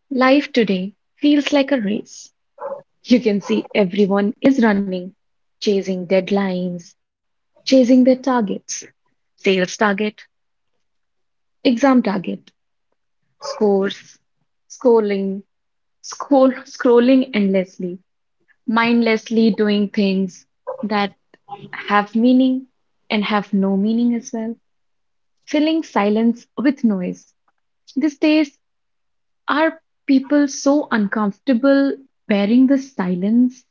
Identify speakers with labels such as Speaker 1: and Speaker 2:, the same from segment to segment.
Speaker 1: Life today feels like a race. You can see everyone is running, chasing deadlines, chasing their targets, sales target, exam target, scores, scrolling, scrolling endlessly, mindlessly doing things that have meaning and have no meaning as well, filling silence with noise. These days, are people so uncomfortable wearing the silence,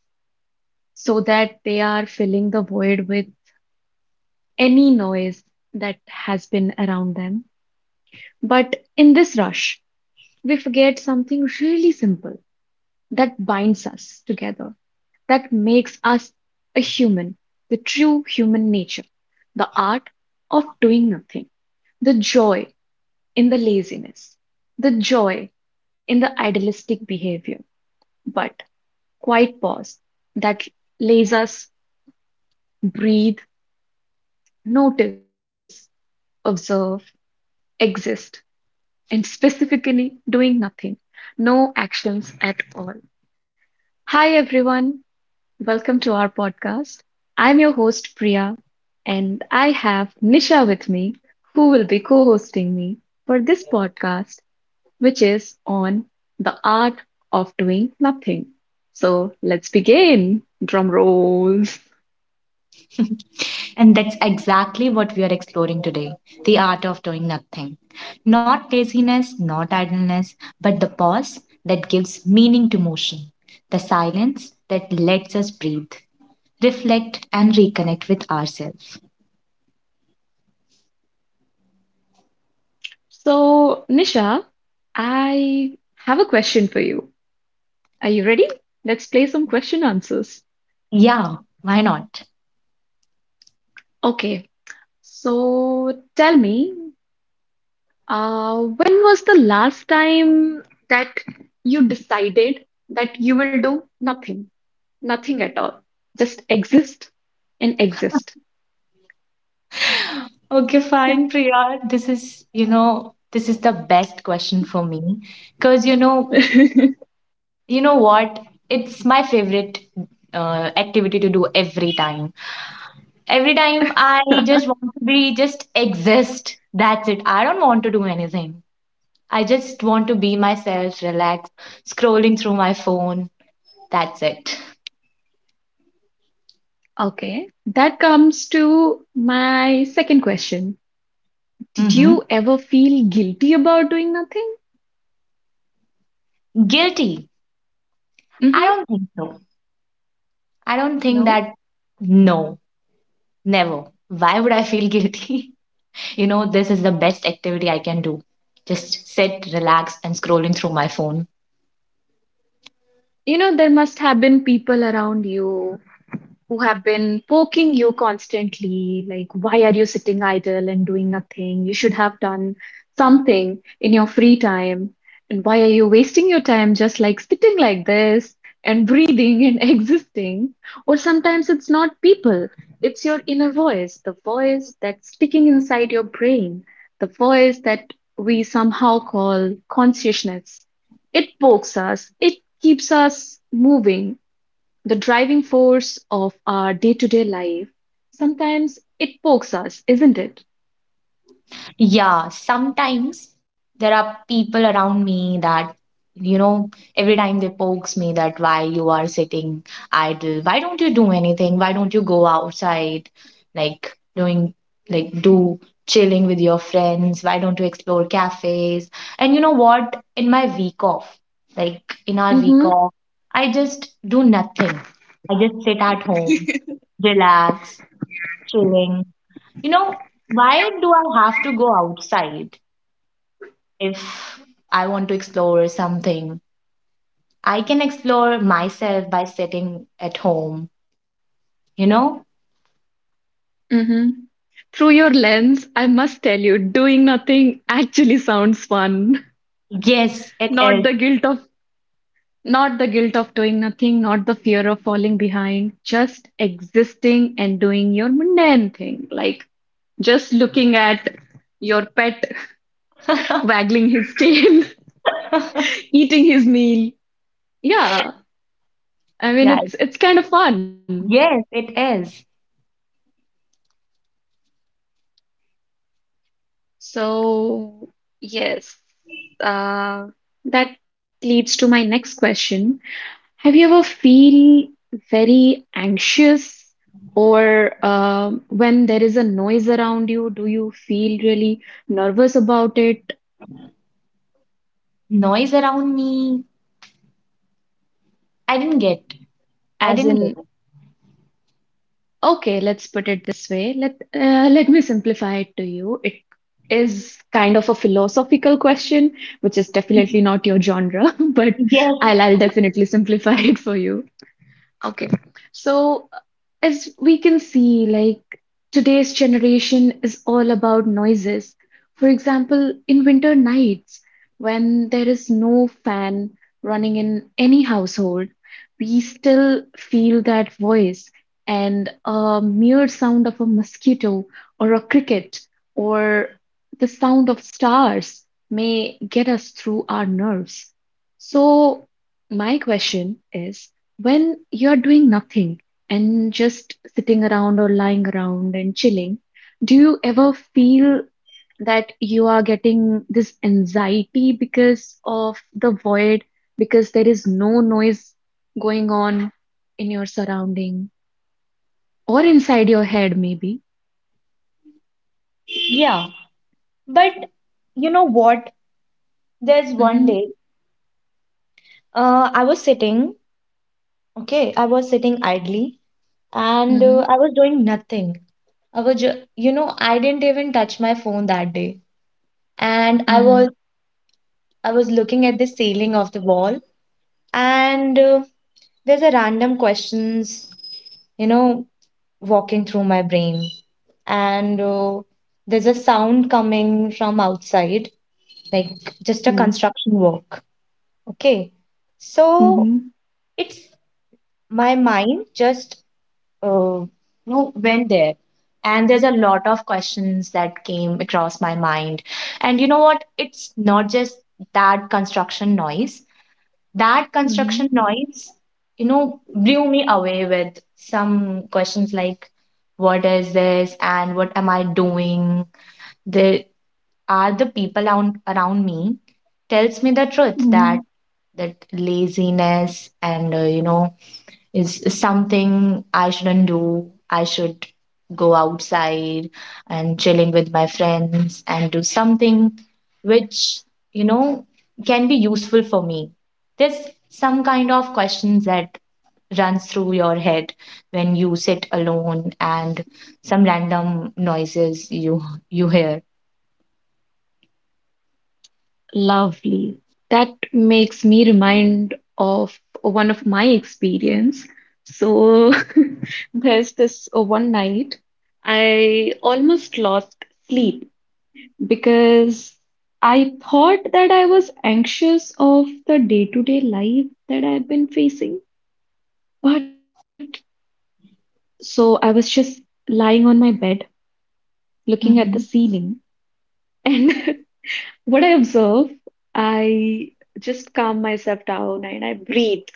Speaker 1: so that they are filling the void with any noise that has been around them? But in this rush, we forget something really simple that binds us together, that makes us a human, the true human nature, the art of doing nothing, the joy in the laziness, the joy in the idealistic behavior. But quiet pause that lays us breathe, notice, observe, exist, and specifically doing nothing, no actions at all. Hi, everyone. Welcome to our podcast. I'm your host, Priya, and I have Nisha with me, who will be co hosting me for this podcast, which is on the art of doing nothing. So let's begin. Drum rolls.
Speaker 2: And that's exactly what we are exploring today, the art of doing nothing. Not laziness, not idleness, but the pause that gives meaning to motion, the silence that lets us breathe, reflect, and reconnect with ourselves.
Speaker 1: So, Nisha, I have a question for you. Are you ready? Let's play some question answers.
Speaker 2: Yeah, why not?
Speaker 1: Okay, so tell me, when was the last time that you decided that you will do nothing? Nothing at all. Just exist and exist.
Speaker 2: Okay, fine, Priya. This is, this is the best question for me because you know what? It's my favorite activity to do every time. Every time I just want to be, just exist. That's it. I don't want to do anything. I just want to be myself, relax, scrolling through my phone. That's it.
Speaker 1: Okay, that comes to my second question. Did
Speaker 2: hmm
Speaker 1: you ever feel guilty about doing nothing?
Speaker 2: Guilty. I
Speaker 1: Mm-hmm.
Speaker 2: don't think so. I don't think
Speaker 1: No.
Speaker 2: that, no, never. Why would I feel guilty? This is the best activity I can do. Just sit, relax, and scrolling through my phone.
Speaker 1: You know, there must have been people around you who have been poking you constantly, like, why are you sitting idle and doing nothing? You should have done something in your free time. And why are you wasting your time just like sitting like this and breathing and existing? Or sometimes it's not people, it's your inner voice, the voice that's speaking inside your brain, the voice that we somehow call consciousness. It pokes us, it keeps us moving, the driving force of our day-to-day life. Sometimes it pokes us, isn't it?
Speaker 2: Yeah, sometimes there are people around me that, you know, every time they pokes me that why you are sitting idle, why don't you do anything? Why don't you go outside, like doing, like do chilling with your friends? Why don't you explore cafes? And you know what? In my week off, like in our week
Speaker 1: Mm-hmm.
Speaker 2: off, I just do nothing. I just sit at home, relax, chilling. You know, why do I have to go outside? If I want to explore something, I can explore myself by sitting at home, you know?
Speaker 1: Mm-hmm. Through your lens, I must tell you, doing nothing actually sounds fun.
Speaker 2: Yes, it
Speaker 1: Not
Speaker 2: is.
Speaker 1: the guilt of not the guilt of doing nothing, not the fear of falling behind, just existing and doing your mundane thing, like just looking at your pet waggling his tail, eating his meal. Yeah, I mean
Speaker 2: yeah,
Speaker 1: it's kind of fun.
Speaker 2: yes, it is.
Speaker 1: So, yes, uh, that leads to my next question. Have you ever feel very anxious or when there is a noise around you, do you feel really nervous about it?
Speaker 2: Noise around me, I didn't get. I
Speaker 1: As
Speaker 2: didn't get
Speaker 1: in,
Speaker 2: it.
Speaker 1: okay, let's put it this way. Let me simplify it to you. It is kind of a philosophical question, which is definitely not your genre, but
Speaker 2: Yes,
Speaker 1: I'll definitely simplify it for you. Okay. So, as we can see, like today's generation is all about noises. For example, in winter nights, when there is no fan running in any household, we still feel that voice, and a mere sound of a mosquito or a cricket or the sound of stars may get us through our nerves. So, my question is, when you're doing nothing and just sitting around or lying around and chilling, do you ever feel that you are getting this anxiety because of the void, because there is no noise going on in your surrounding or inside your head, maybe?
Speaker 2: yeah. But you know what? There's one
Speaker 1: Mm-hmm.
Speaker 2: day, I was sitting, okay, I was sitting idly and
Speaker 1: Mm-hmm.
Speaker 2: I was doing nothing. I was, I didn't even touch my phone that day, and I
Speaker 1: Mm-hmm.
Speaker 2: was I was looking at the ceiling of the wall, and there's a random questions, you know, walking through my brain, and there's a sound coming from outside, like just a
Speaker 1: Mm.
Speaker 2: construction work. Okay, so
Speaker 1: Mm-hmm.
Speaker 2: it's my mind just uh, went there, and there's a lot of questions that came across my mind, and you know what? It's not just that construction noise blew me away with some questions like, what is this and what am I doing? There are the people around me tells me the truth
Speaker 1: Mm-hmm.
Speaker 2: that that laziness and, is something I shouldn't do. I should go outside and chilling with my friends and do something which, you know, can be useful for me. There's some kind of questions that runs through your head when you sit alone and some random noises you hear.
Speaker 1: Lovely. That makes me remind of one of my experience. So there's this one night I almost lost sleep because I thought that I was anxious of the day-to-day life that I've been facing. But so I was just lying on my bed looking at the
Speaker 2: Mhm.
Speaker 1: ceiling and what I observe, I just calm myself down and I breathe.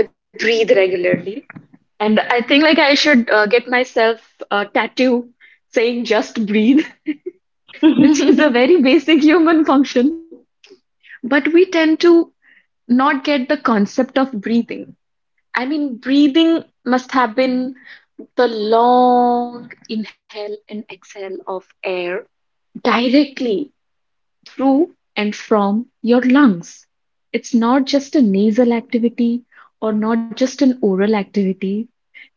Speaker 1: I breathe regularly. And I think like I should get myself a tattoo saying just breathe, which is a very basic human function. But we tend to not get the concept of breathing. I mean, breathing must have been the long inhale and exhale of air directly through and from your lungs. It's not just a nasal activity or not just an oral activity.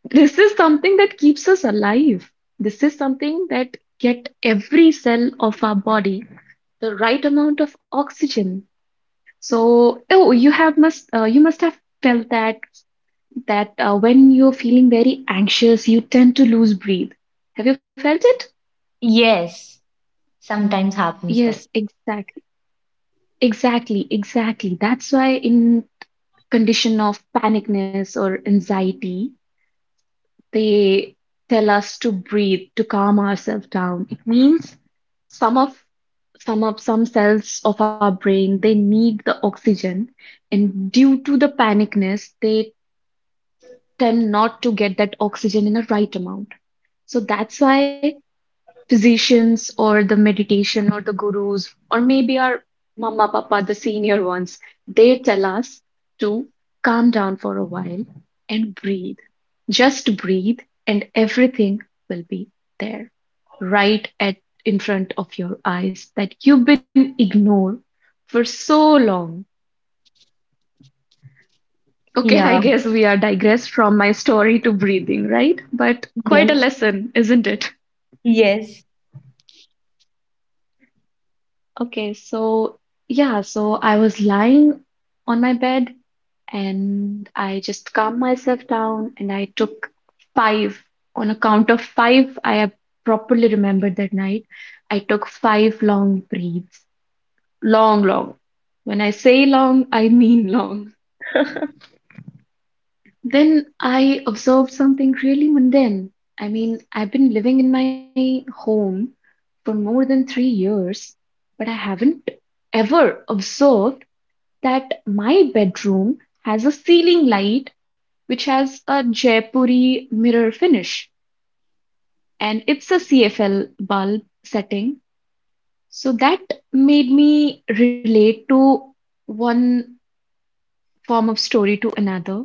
Speaker 1: This is something that keeps us alive. This is something that get every cell of our body the right amount of oxygen. So, oh, you must have felt that when you're feeling very anxious, you tend to lose breathe. Have you felt it?
Speaker 2: yes, sometimes happens
Speaker 1: Yes,
Speaker 2: this.
Speaker 1: exactly. Exactly, exactly. That's why in condition of panicness or anxiety, they tell us to breathe, to calm ourselves down. It means some of some cells of our brain they need the oxygen, and due to the panicness they tend not to get that oxygen in a right amount, so that's why physicians or the meditation or the gurus or maybe our mama papa the senior ones, they tell us to calm down for a while and breathe. Just breathe and everything will be there, right at in front of your eyes that you've been ignored for so long. Okay, I
Speaker 2: Yeah.
Speaker 1: guess we are digressed from my story to breathing, right? But quite a
Speaker 2: Yes.
Speaker 1: lesson, isn't it?
Speaker 2: Yes.
Speaker 1: Okay, so yeah, so I was lying on my bed and I just calmed myself down and I took five. On a count of five, I have properly remembered that night. I took five long breaths. Long, long. When I say long, I mean long. Then I observed something really mundane. I mean, I've been living in my home for more than 3 years, but I haven't ever observed that my bedroom has a ceiling light which has a Jaipuri mirror finish and it's a CFL bulb setting. So that made me relate to one form of story to another.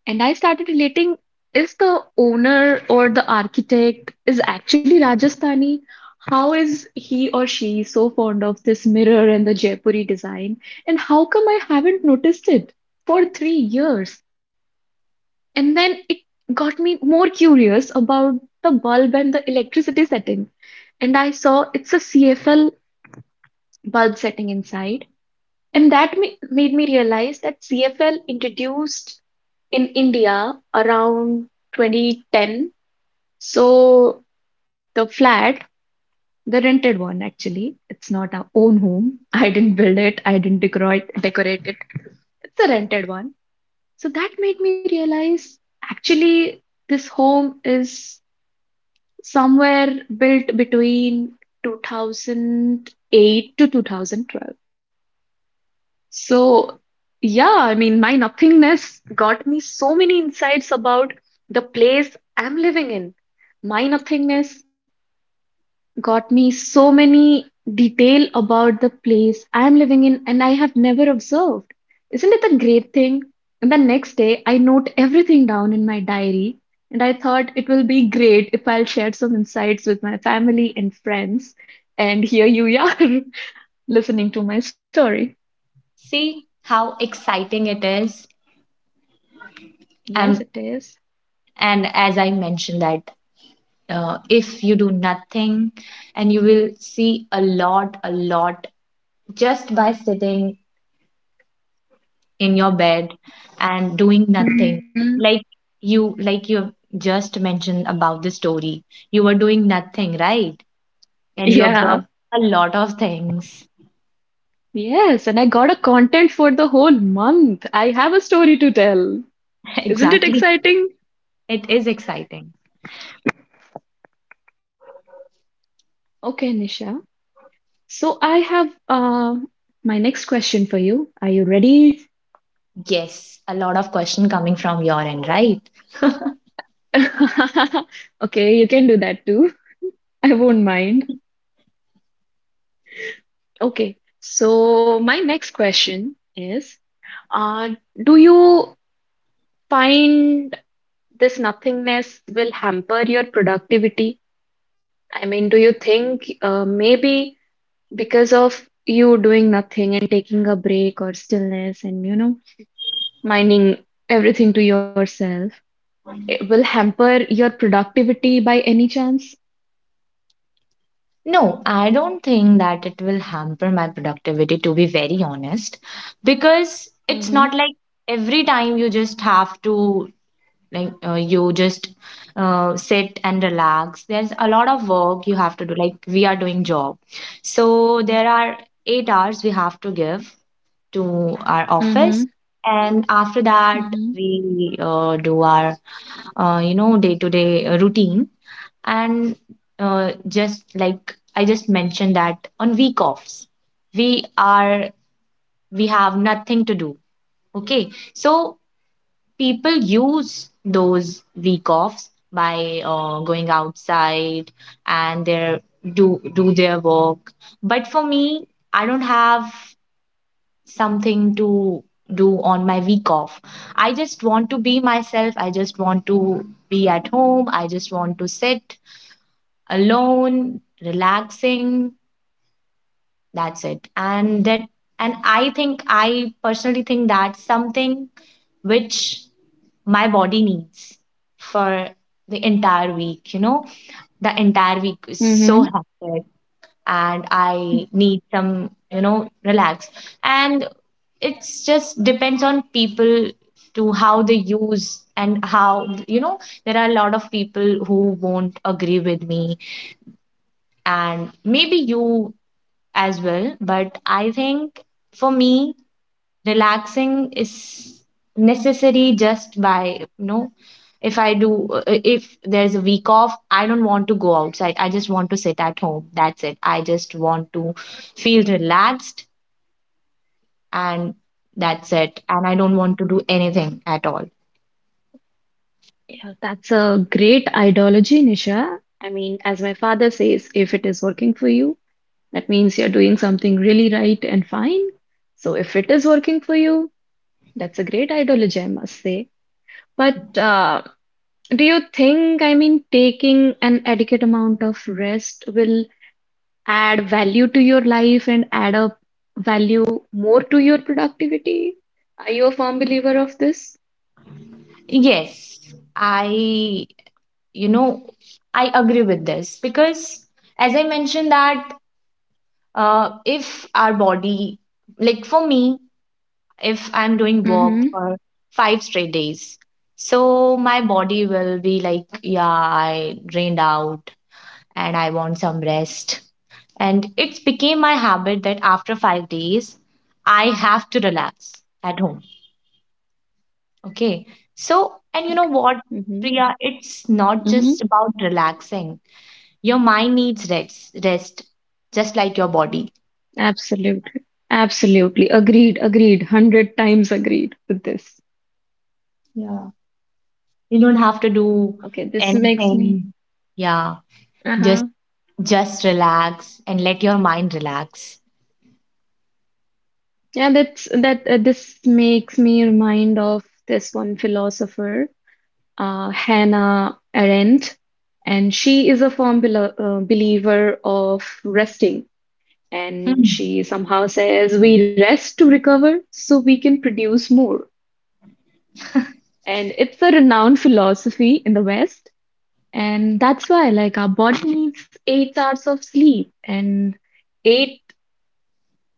Speaker 1: And I started relating, is the owner or the architect is actually Rajasthani? How is he or she so fond of this mirror and the Jaipuri design? And how come I haven't noticed it for 3 years? And then it got me more curious about the bulb and the electricity setting. And I saw it's a CFL bulb setting inside. And that made me realize that CFL introduced in India around 2010. So the flat, the rented one actually, it's not our own home. I didn't build it, I didn't decorate it. It's a rented one. So that made me realize actually this home is somewhere built between 2008 to 2012. So, yeah, I mean, my nothingness got me so many insights about the place I'm living in. My nothingness got me so many detail about the place I'm living in and I have never observed. Isn't it a great thing? And the next day, I note everything down in my diary, and I thought it will be great if I'll share some insights with my family and friends. And here you are listening to my story.
Speaker 2: See how exciting it is,
Speaker 1: Yes,
Speaker 2: and
Speaker 1: it is.
Speaker 2: and as I mentioned that, if you do nothing, and you will see a lot just by sitting in your bed and doing nothing,
Speaker 1: Mhm.
Speaker 2: like like you just mentioned about the story, you were doing nothing, right? And you
Speaker 1: Yeah.
Speaker 2: observed a lot of things.
Speaker 1: Yes, and I got a content for the whole month. I have a story to tell. Isn't it
Speaker 2: Exactly,
Speaker 1: exciting?
Speaker 2: it is exciting.
Speaker 1: Okay, Nisha. So I have my next question for you. Are you ready?
Speaker 2: Yes, a lot of question coming from your end, right?
Speaker 1: Okay, you can do that too. I won't mind. Okay, so my next question is, uh, do you find this nothingness will hamper your productivity? I mean, do you think maybe because of you doing nothing and taking a break or stillness and, you know, minding everything to yourself, it will hamper your productivity by any chance?
Speaker 2: No, I don't think that it will hamper my productivity, to be very honest, because it's
Speaker 1: Mm-hmm.
Speaker 2: not like every time you just have to, like, you just sit and relax. There's a lot of work you have to do. Like, we are doing job. So there are 8 hours we have to give to our office.
Speaker 1: Mm-hmm.
Speaker 2: And after that, we do our, day-to-day routine, and just like I just mentioned, that on week offs, we are we have nothing to do. Okay, so people use those week offs by going outside and their do their work, but for me, I don't have something to do on my week off. I just want to be myself, I just want to be at home, I just want to sit alone, relaxing. That's it. And that, and I think, I personally think, that's something which my body needs for the entire week, you know? The entire week is so
Speaker 1: Mm-hmm.
Speaker 2: hectic, and
Speaker 1: Hmm.
Speaker 2: I need some, you know, relax. And it's just depends on people to how they use, and how there are a lot of people who won't agree with me, and maybe you as well. But I think, for me, relaxing is necessary just by, if I do, if there's a week off, I don't want to go outside. I just want to sit at home. That's it. I just want to feel relaxed, and that's it. And I don't want to do anything at all.
Speaker 1: Yeah, that's a great ideology, Nisha. I mean, as my father says, if it is working for you, that means you're doing something really right and fine. So if it is working for you, that's a great ideology, I must say. But do you think, I mean, taking an adequate amount of rest will add value to your life and add up value more to your productivity? Are you a firm believer of this?
Speaker 2: Yes, you know, I agree with this, because, as I mentioned, that if our body, like for me, if I'm doing walk
Speaker 1: Mm-hmm.
Speaker 2: for 5 straight days. So my body will be like, yeah, I drained out, and I want some rest. And it's became my habit that after 5 days, I have to relax at home. Okay. So, and you know
Speaker 1: Okay.
Speaker 2: what,
Speaker 1: Mm-hmm.
Speaker 2: Priya, it's not
Speaker 1: Mm-hmm.
Speaker 2: just about relaxing. Your mind needs rest, rest, just like your body.
Speaker 1: Absolutely. Absolutely. Agreed. Agreed. 100 times agreed with this.
Speaker 2: Yeah. You don't have to do
Speaker 1: Okay, this makes me.
Speaker 2: anything. Yeah. Just.
Speaker 1: Uh-huh.
Speaker 2: Just relax and let your mind relax.
Speaker 1: Yeah, that's that this makes me remind of this one philosopher, Hannah Arendt, and she is a firm believer of resting. And
Speaker 2: Hmm.
Speaker 1: she somehow says, "We rest to recover so we can produce more." And it's a renowned philosophy in the West. And that's why, like, our body needs 8 hours of sleep and eight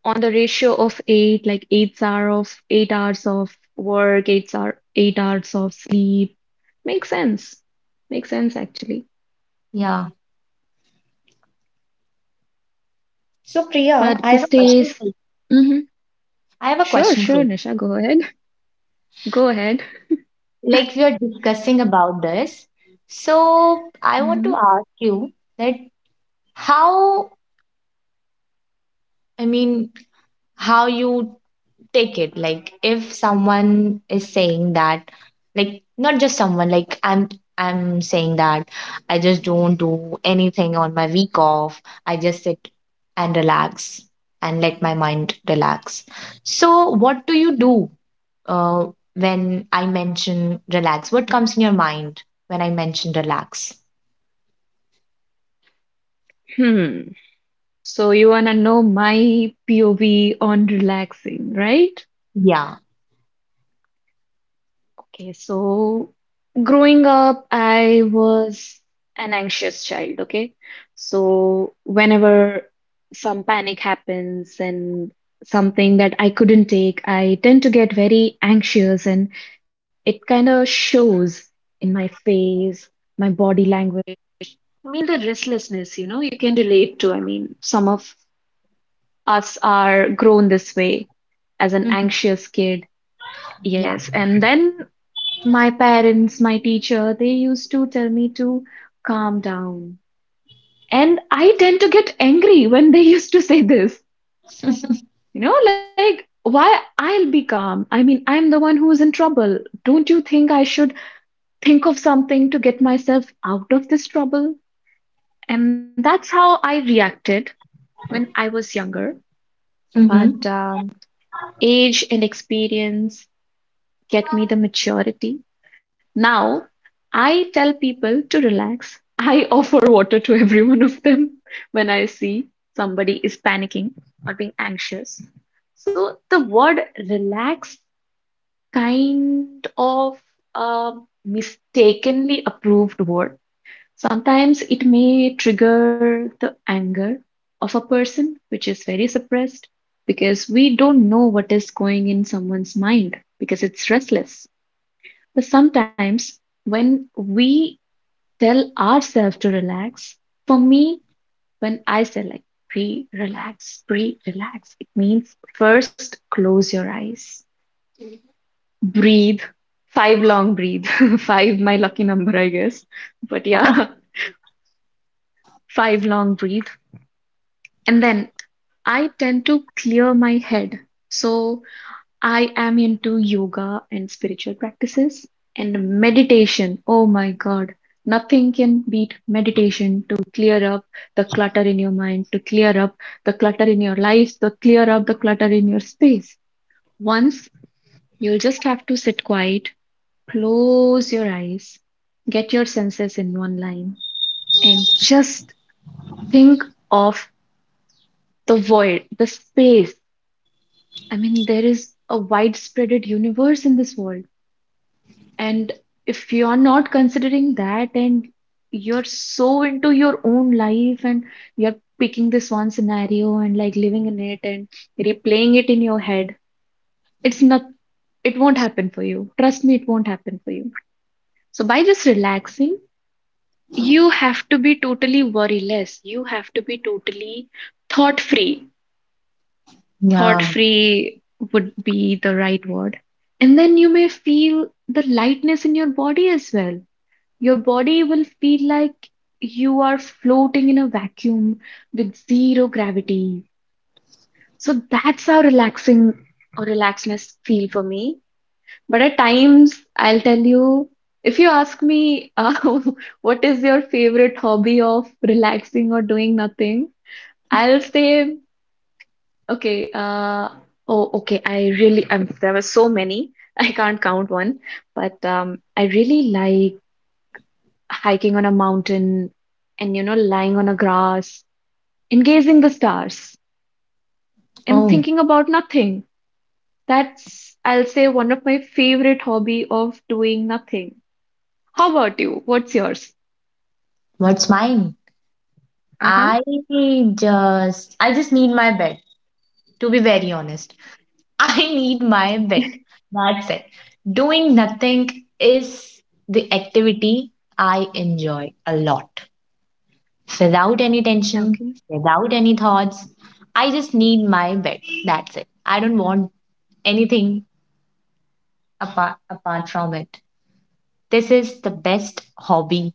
Speaker 1: on the ratio of eight, like 8 hours of work, 8 hours of sleep. Makes sense. Makes sense, actually.
Speaker 2: Yeah. So
Speaker 1: But
Speaker 2: Priya, I have
Speaker 1: this
Speaker 2: a question
Speaker 1: days,
Speaker 2: for you.
Speaker 1: hmm.
Speaker 2: I have a
Speaker 1: Sure,
Speaker 2: question
Speaker 1: sure,
Speaker 2: for you.
Speaker 1: Nisha, go ahead. Go ahead.
Speaker 2: Like we are discussing about this. So I
Speaker 1: Hmm.
Speaker 2: want to ask you that, how I mean how you take it, like if someone is saying that, like not just someone, like I'm saying that, I just don't do anything on my week off, I just sit and relax and let my mind relax. So what do you do, uh, when I mention relax, what comes in your mind when I mention relax?
Speaker 1: Hmm. So you wanna know my POV on relaxing, right?
Speaker 2: Yeah.
Speaker 1: Okay, so growing up, I was an anxious child, okay? So whenever some panic happens and something that I couldn't take, I tend to get very anxious and it kind of shows in my face, my body language. I mean, the restlessness, you know, you can relate to. I mean, some of us are grown this way as an
Speaker 2: Mhm.
Speaker 1: anxious kid.
Speaker 2: Yeah.
Speaker 1: Yes. And then my parents, my teacher, they used to tell me to calm down. And I tend to get angry when they used to say this. You know, like, why I'll be calm? I mean, I'm the one who's in trouble. Don't you think I should think of something to get myself out of this trouble? And that's how I reacted when I was younger.
Speaker 2: Mm-hmm.
Speaker 1: But age and experience get me the maturity. Now, I tell people to relax. I offer water to every one of them when I see somebody is panicking or being anxious. So, the word relax kind of a mistakenly approved word. Sometimes it may trigger the anger of a person, which is very suppressed because we don't know what is going in someone's mind because it's restless. But sometimes, when we tell ourselves to relax, for me, when I say like pre relax, it means first close your eyes, breathe, five long breathe, five, my lucky number, I guess. But yeah, five long breathe. And then I tend to clear my head. So I am into yoga and spiritual practices and meditation. Oh my God, nothing can beat meditation to clear up the clutter in your mind, to clear up the clutter in your life, to clear up the clutter in your space. Once you'll just have to sit quiet, close your eyes, get your senses in one line, and just think of the void, the space. I mean, there is a widespread universe in this world. And if you're not considering that and you're so into your own life and you're picking this one scenario and like living in it and replaying it in your head, it's not, it won't happen for you. Trust me, it won't happen for you. So by just relaxing, you have to be totally worryless. You have to be totally thought free. Thought
Speaker 2: Yeah.
Speaker 1: free would be the right word. And then you may feel the lightness in your body as well. Your body will feel like you are floating in a vacuum with zero gravity. So that's how relaxing or relaxedness feel for me. But at times, I'll tell you, if you ask me, what is your favorite hobby of relaxing or doing nothing, I'll say, okay, oh, okay, I really, there were so many, I can't count one, but I really like hiking on a mountain and you know lying on a grass engaging the stars and
Speaker 2: Oh,
Speaker 1: thinking about nothing. That's I'll say one of my favorite hobby of doing nothing. How about you, what's yours?
Speaker 2: what's mine?
Speaker 1: Uh-huh.
Speaker 2: I just i just need my bed, to be very honest. I need my bed. That's it. Doing nothing is the activity I enjoy a lot. Without any tension,
Speaker 1: Okay,
Speaker 2: without any thoughts. I just need my bed. That's it. I don't want anything apart from it. This is the best hobby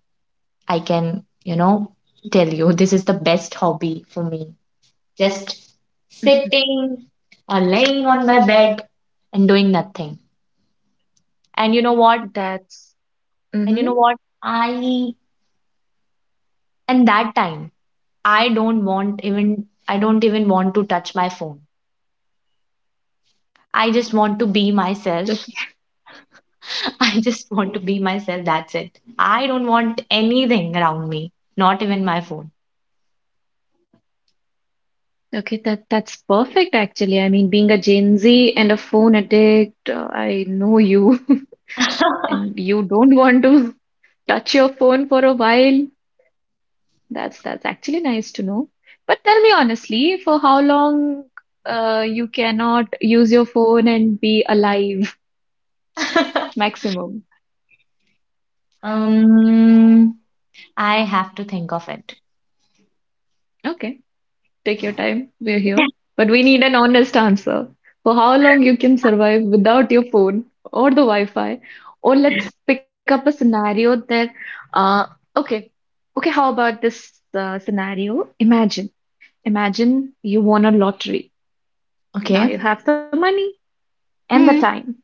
Speaker 2: I can, you know, tell you. This is the best hobby for me. Just sitting or laying on my bed and doing nothing. And you know what?
Speaker 1: that's mm-hmm.
Speaker 2: I And that time, I don't even want to touch my phone. I just want to be
Speaker 1: Okay.
Speaker 2: myself. I just want to be myself. That's it. I don't want anything around me, not even my phone.
Speaker 1: Okay, that's perfect actually. I mean, being a gen Z and a phone addict, I know you. And you don't want to touch your phone for a while. That's actually nice to know. But tell me honestly, for how long you cannot use your phone and be alive maximum?
Speaker 2: um, I have to think of it.
Speaker 1: Okay, take your time. We're here. But we need an honest answer. For how long you can survive without your phone or the Wi-Fi? Or let's pick up a scenario that uh okay, okay, how about this scenario? Imagine, imagine you won a lottery.
Speaker 2: Okay.
Speaker 1: Now you have the money and the
Speaker 2: Hmm.
Speaker 1: time.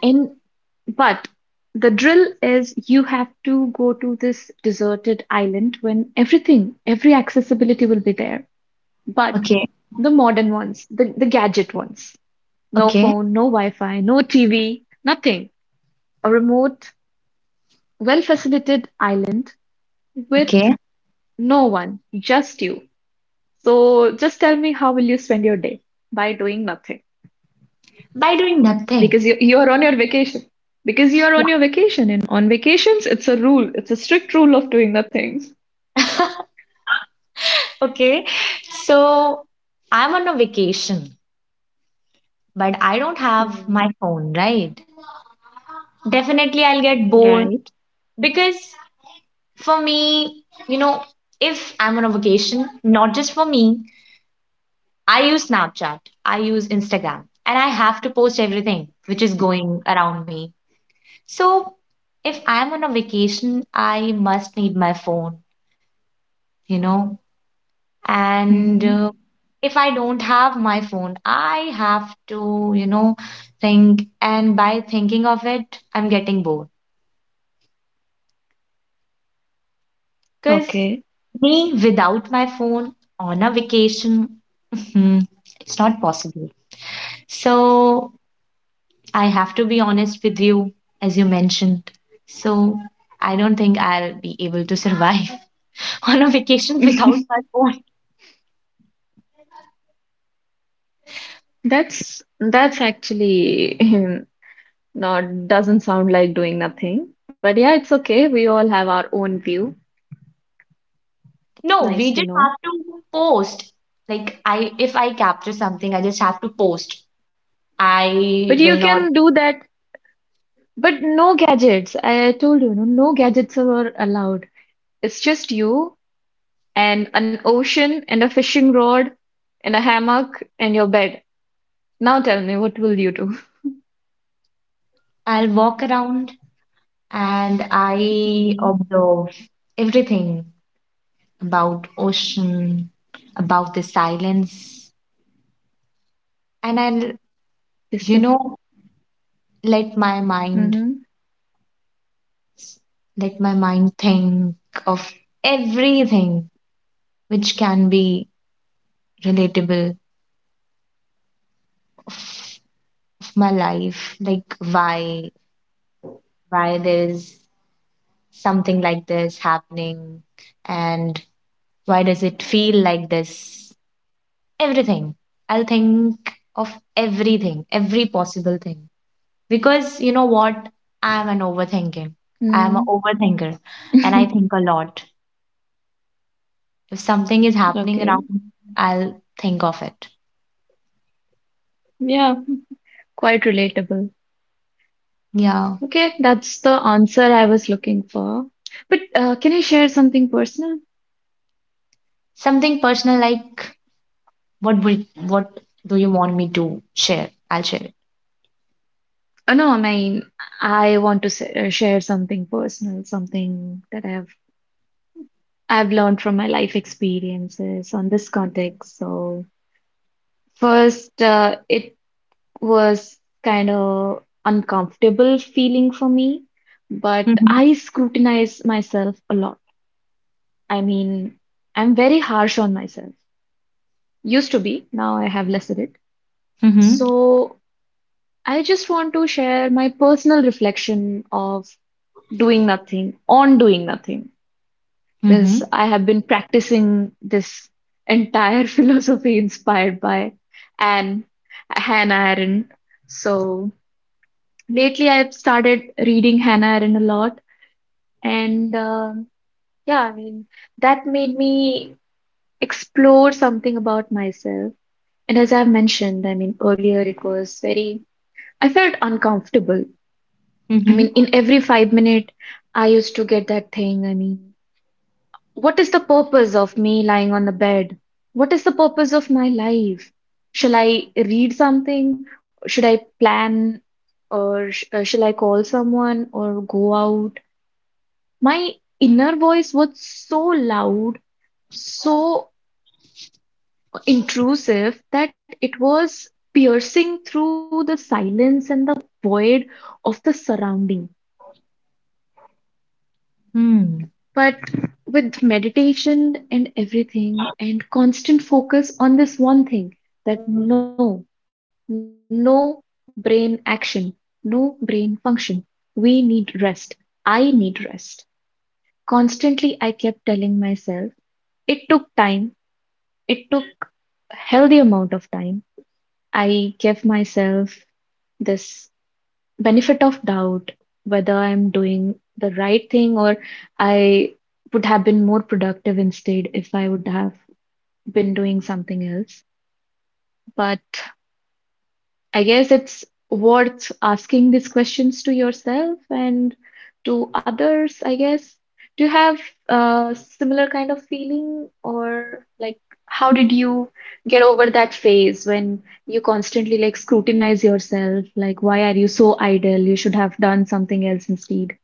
Speaker 1: In but the drill is you have to go to this deserted island when everything, every accessibility will be there. But
Speaker 2: Okay.
Speaker 1: the modern ones, the gadget ones, no
Speaker 2: Okay.
Speaker 1: phone, no Wi-Fi, no TV, nothing. A remote, well-facilitated island with
Speaker 2: Okay.
Speaker 1: no one, just you. So just tell me how will you spend your day by doing nothing?
Speaker 2: By doing nothing.
Speaker 1: Because you are on your vacation. Because you are
Speaker 2: Yeah.
Speaker 1: on your vacation, and on vacations it's a rule, it's a strict rule of doing the things.
Speaker 2: Okay. So I'm on a vacation, but I don't have
Speaker 1: Mm,
Speaker 2: my phone, right? Definitely I'll get bored,
Speaker 1: right.
Speaker 2: because for me, you know, if I'm on a vacation, not just for me, I use Snapchat, I use Instagram, and I have to post everything which is going around me. So if I'm on a vacation, I must need my phone, you know, and
Speaker 1: Hmm.
Speaker 2: if I don't have my phone, I have to, think. And by thinking of it, I'm getting bored, because
Speaker 1: Okay.
Speaker 2: me without my phone on a vacation, hmm, it's not possible. So I have to be honest with you, as you mentioned. So I don't think I'll be able to survive on a vacation without my phone.
Speaker 1: That's that's actually not doesn't sound like doing nothing. But yeah, it's okay. We all have our own view.
Speaker 2: No,
Speaker 1: Nice
Speaker 2: we
Speaker 1: to
Speaker 2: just have
Speaker 1: know.
Speaker 2: to post. Like I if I capture something, I just have to post.
Speaker 1: But
Speaker 2: I
Speaker 1: you
Speaker 2: will not
Speaker 1: can do that. But no gadgets. I told you, no, no gadgets are allowed. It's just you and an ocean and a fishing rod and a hammock and your bed. Now tell me, what will you do?
Speaker 2: I'll walk around, and I
Speaker 1: Mm-hmm.
Speaker 2: observe everything. About ocean, about the silence, and I'll,
Speaker 1: This
Speaker 2: you
Speaker 1: is
Speaker 2: know, let my mind
Speaker 1: hmm.
Speaker 2: let my mind think of everything which can be relatable of of my life, like why there is something like this happening, and why does it feel like this? Everything. I'll think of everything, every possible thing. Because you know what? I am an overthinking. I am
Speaker 1: Mm-hmm.
Speaker 2: an overthinker, and I think a lot. If something is happening
Speaker 1: Okay.
Speaker 2: around, I'll think of it.
Speaker 1: Yeah, quite relatable.
Speaker 2: Yeah.
Speaker 1: Okay, that's the answer I was looking for. But can I share something personal?
Speaker 2: Something personal, like what do you want me to share? I'll share it.
Speaker 1: Oh, no, I mean, I want to share something personal, something that I've learned from my life experiences on this context. So first, it was kind of uncomfortable feeling for me, but
Speaker 2: Mm-hmm.
Speaker 1: I scrutinize myself a lot. I mean, I'm very harsh on myself. Used to be, now I have less of it.
Speaker 2: Mm-hmm.
Speaker 1: So I just want to share my personal reflection of doing nothing, on doing nothing,
Speaker 2: Mm-hmm.
Speaker 1: because I have been practicing this entire philosophy inspired by Anne, Hannah Arendt. So lately, I've started reading Hannah Arendt a lot, and yeah, I mean, that made me explore something about myself. And as I've mentioned, I mean, earlier it was very, I felt uncomfortable. I mean,
Speaker 2: Mm-hmm.
Speaker 1: in every 5 minute, I used to get that thing. I mean, what is the purpose of me lying on the bed? What is the purpose of my life? Shall I read something? Should I plan? Or sh shall I call someone or go out? My inner voice was so loud, so intrusive, that it was piercing through the silence and the void of the surrounding.
Speaker 2: Hmm.
Speaker 1: But with meditation and everything, and constant focus on this one thing that no, no brain action, no brain function. We need rest. I need rest. Constantly, I kept telling myself. It took time. It took healthy amount of time, I give myself this benefit of doubt whether I'm doing the right thing or I would have been more productive instead if I would have been doing something else. But I guess it's worth asking these questions to yourself and to others, I guess. Do you have a similar kind of feeling, or like how did you get over that phase when you constantly like scrutinize yourself? Like, why are you so idle? You should have done something else instead.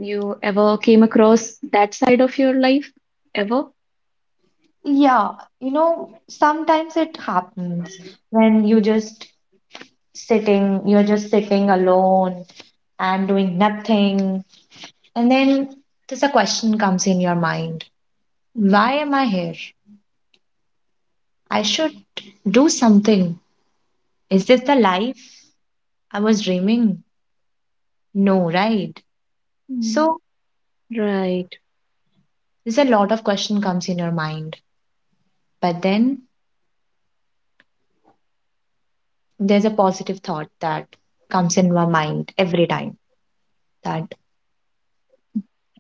Speaker 1: You ever came across that side of your life? Ever?
Speaker 2: Yeah, you know, sometimes it happens when you're just sitting alone and doing nothing. And then there's a question comes in your mind. Why am I here? I should do something. Is this the life I was dreaming? No, right?
Speaker 1: Mm.
Speaker 2: So
Speaker 1: Right,
Speaker 2: there's a lot of question comes in your mind. But then there's a positive thought that comes in my mind every time, that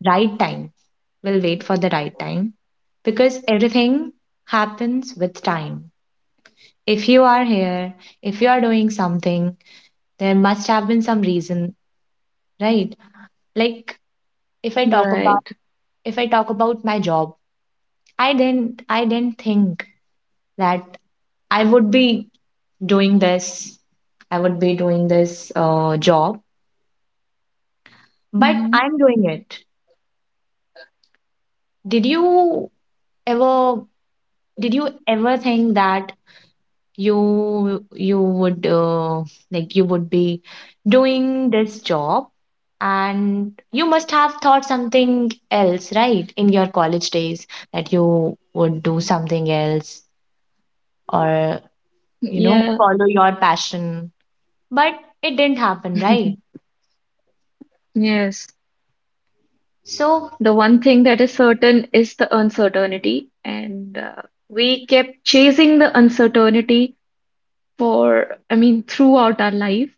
Speaker 2: right time. We'll wait for the right time, because everything happens with time. If you are here, if you are doing something, there must have been some reason, right? Like if I talk about
Speaker 1: right.
Speaker 2: if I talk about my job, I didn't think that I would be doing this. I would be doing this, job, but
Speaker 1: Hmm.
Speaker 2: I'm doing it. Did you ever did you ever think that you you would uh, you would be doing this job, and you must have thought something else, right, in your college days, that you would do something else, or
Speaker 1: Yeah.
Speaker 2: follow your passion, but it didn't happen, right?
Speaker 1: Yes,
Speaker 2: So
Speaker 1: the one thing that is certain is the uncertainty, and we kept chasing the uncertainty for, I mean, throughout our life.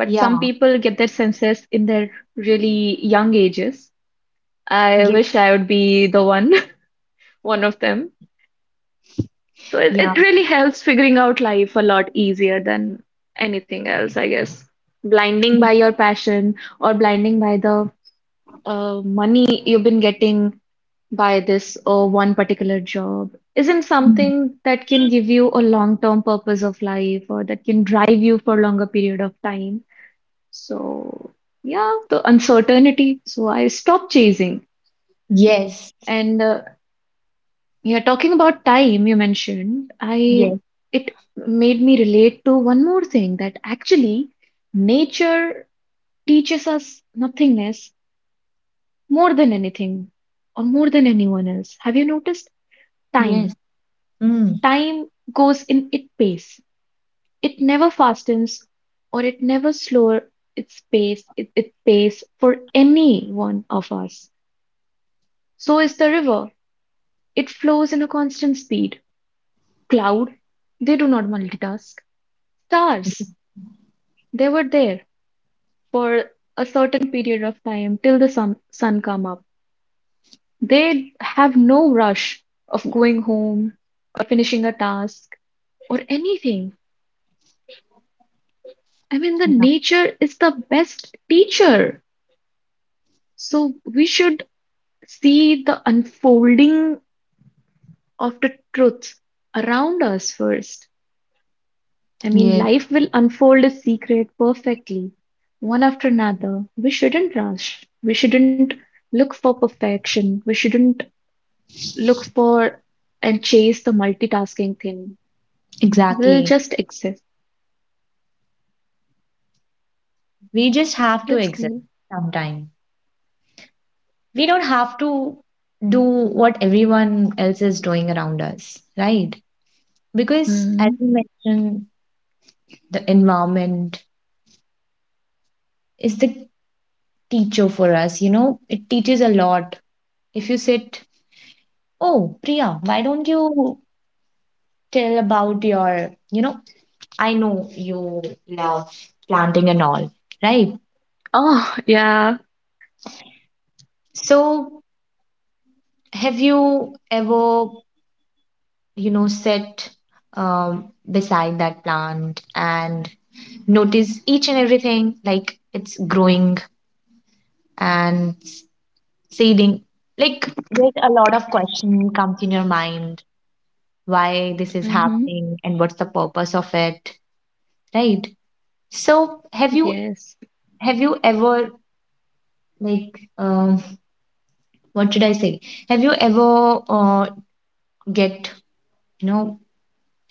Speaker 1: But some
Speaker 2: yeah,
Speaker 1: people get their senses in their really young ages. I
Speaker 2: yeah,
Speaker 1: wish I would be the one, one of them. So it,
Speaker 2: yeah.
Speaker 1: it really helps figuring out life a lot easier than anything else, I guess. Blinding by your passion or blinding by the money you've been getting by this or one particular job isn't
Speaker 2: Mm.
Speaker 1: something that can give you a long-term purpose of life or that can drive you for a longer period of time. So, yeah, the uncertainty. So I stopped chasing.
Speaker 2: Yes,
Speaker 1: And yeah, talking about time you mentioned, I
Speaker 2: yes,
Speaker 1: it made me relate to one more thing that actually nature teaches us nothingness more than anything or more than anyone else. Have you noticed?
Speaker 2: yes.
Speaker 1: Time.
Speaker 2: Mm,
Speaker 1: Time goes in its pace. It never fastens or it never slows its pace, its pace for any one of us. So is the river. It flows in a constant speed. Cloud, they do not multitask. Stars, they were there for a certain period of time till the sun come up. They have no rush of going home or finishing a task or anything. I mean, the
Speaker 2: yeah,
Speaker 1: nature is the best teacher. So we should see the unfolding of the truth around us first. I mean,
Speaker 2: yes,
Speaker 1: life will unfold its secret perfectly, one after another. We shouldn't rush. We shouldn't look for perfection. We shouldn't look for and chase the multitasking thing. We'll
Speaker 2: exactly.
Speaker 1: just exist.
Speaker 2: We just have to
Speaker 1: That's
Speaker 2: exist.
Speaker 1: great.
Speaker 2: Sometime we don't have to do what everyone else is doing around us, right? Because as
Speaker 1: Hmm.
Speaker 2: you mentioned, the environment is the teacher for us, you know, it teaches a lot. If you sit, oh, Priya, why don't you tell about your, you know, I know you love planting and all, right?
Speaker 1: Oh, yeah.
Speaker 2: So, have you ever, you know, sit beside that plant and notice each and everything, like it's growing and seeding, like there's a lot of question comes in your mind, why this is
Speaker 1: Hmm.
Speaker 2: happening and what's the purpose of it, right? So
Speaker 1: Yes.
Speaker 2: have you ever, like what should I say, have you ever get, you know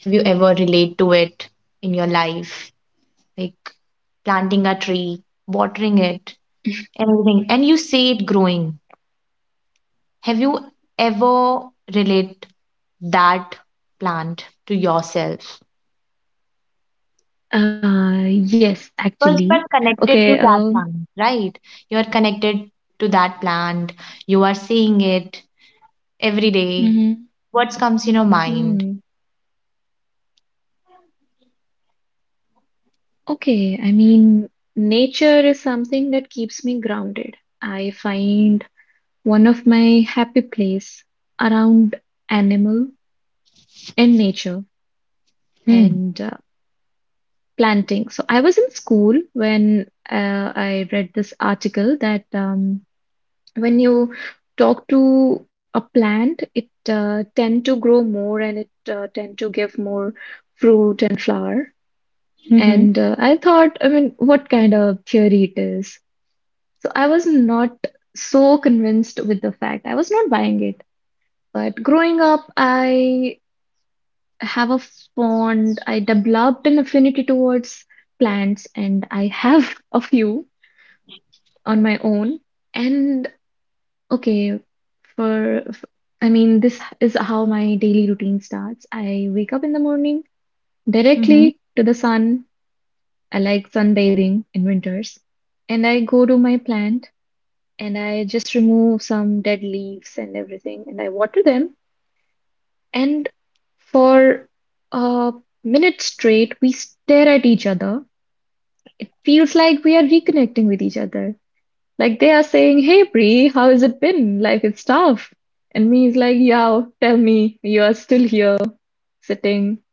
Speaker 2: have you ever relate to it in your life, like planting a tree, watering it, everything, and you see it growing? Have you ever relate that plant to yourself?
Speaker 1: Yes, actually.
Speaker 2: Because you are
Speaker 1: Okay.
Speaker 2: connected to that plant, right? You are connected to that plant. You are seeing it every day. What comes in your mind?
Speaker 1: Mhm. Okay, I mean, nature is something that keeps me grounded. I find one of my happy place around animal and nature
Speaker 2: Hmm.
Speaker 1: and planting. So I was in school when I read this article that when you talk to a plant, it tend to grow more and it tend to give more fruit and flower.
Speaker 2: Mm-hmm.
Speaker 1: And I thought, I mean, what kind of theory it is? So I was not so convinced with the fact. I was not buying it. But growing up, I have a fond, I developed an affinity towards plants and I have a few on my own. And okay, for, f- I mean, this is how my daily routine starts. I wake up in the morning
Speaker 2: Mm-hmm.
Speaker 1: directly to the sun. I like sunbathing in winters. And I go to my plant and I just remove some dead leaves and everything, and I water them. And for a minute straight, we stare at each other. It feels like we are reconnecting with each other. Like they are saying, "Hey, Bree, how has it been? Life is tough." And me is like, "Yeah, tell me, you are still here, sitting."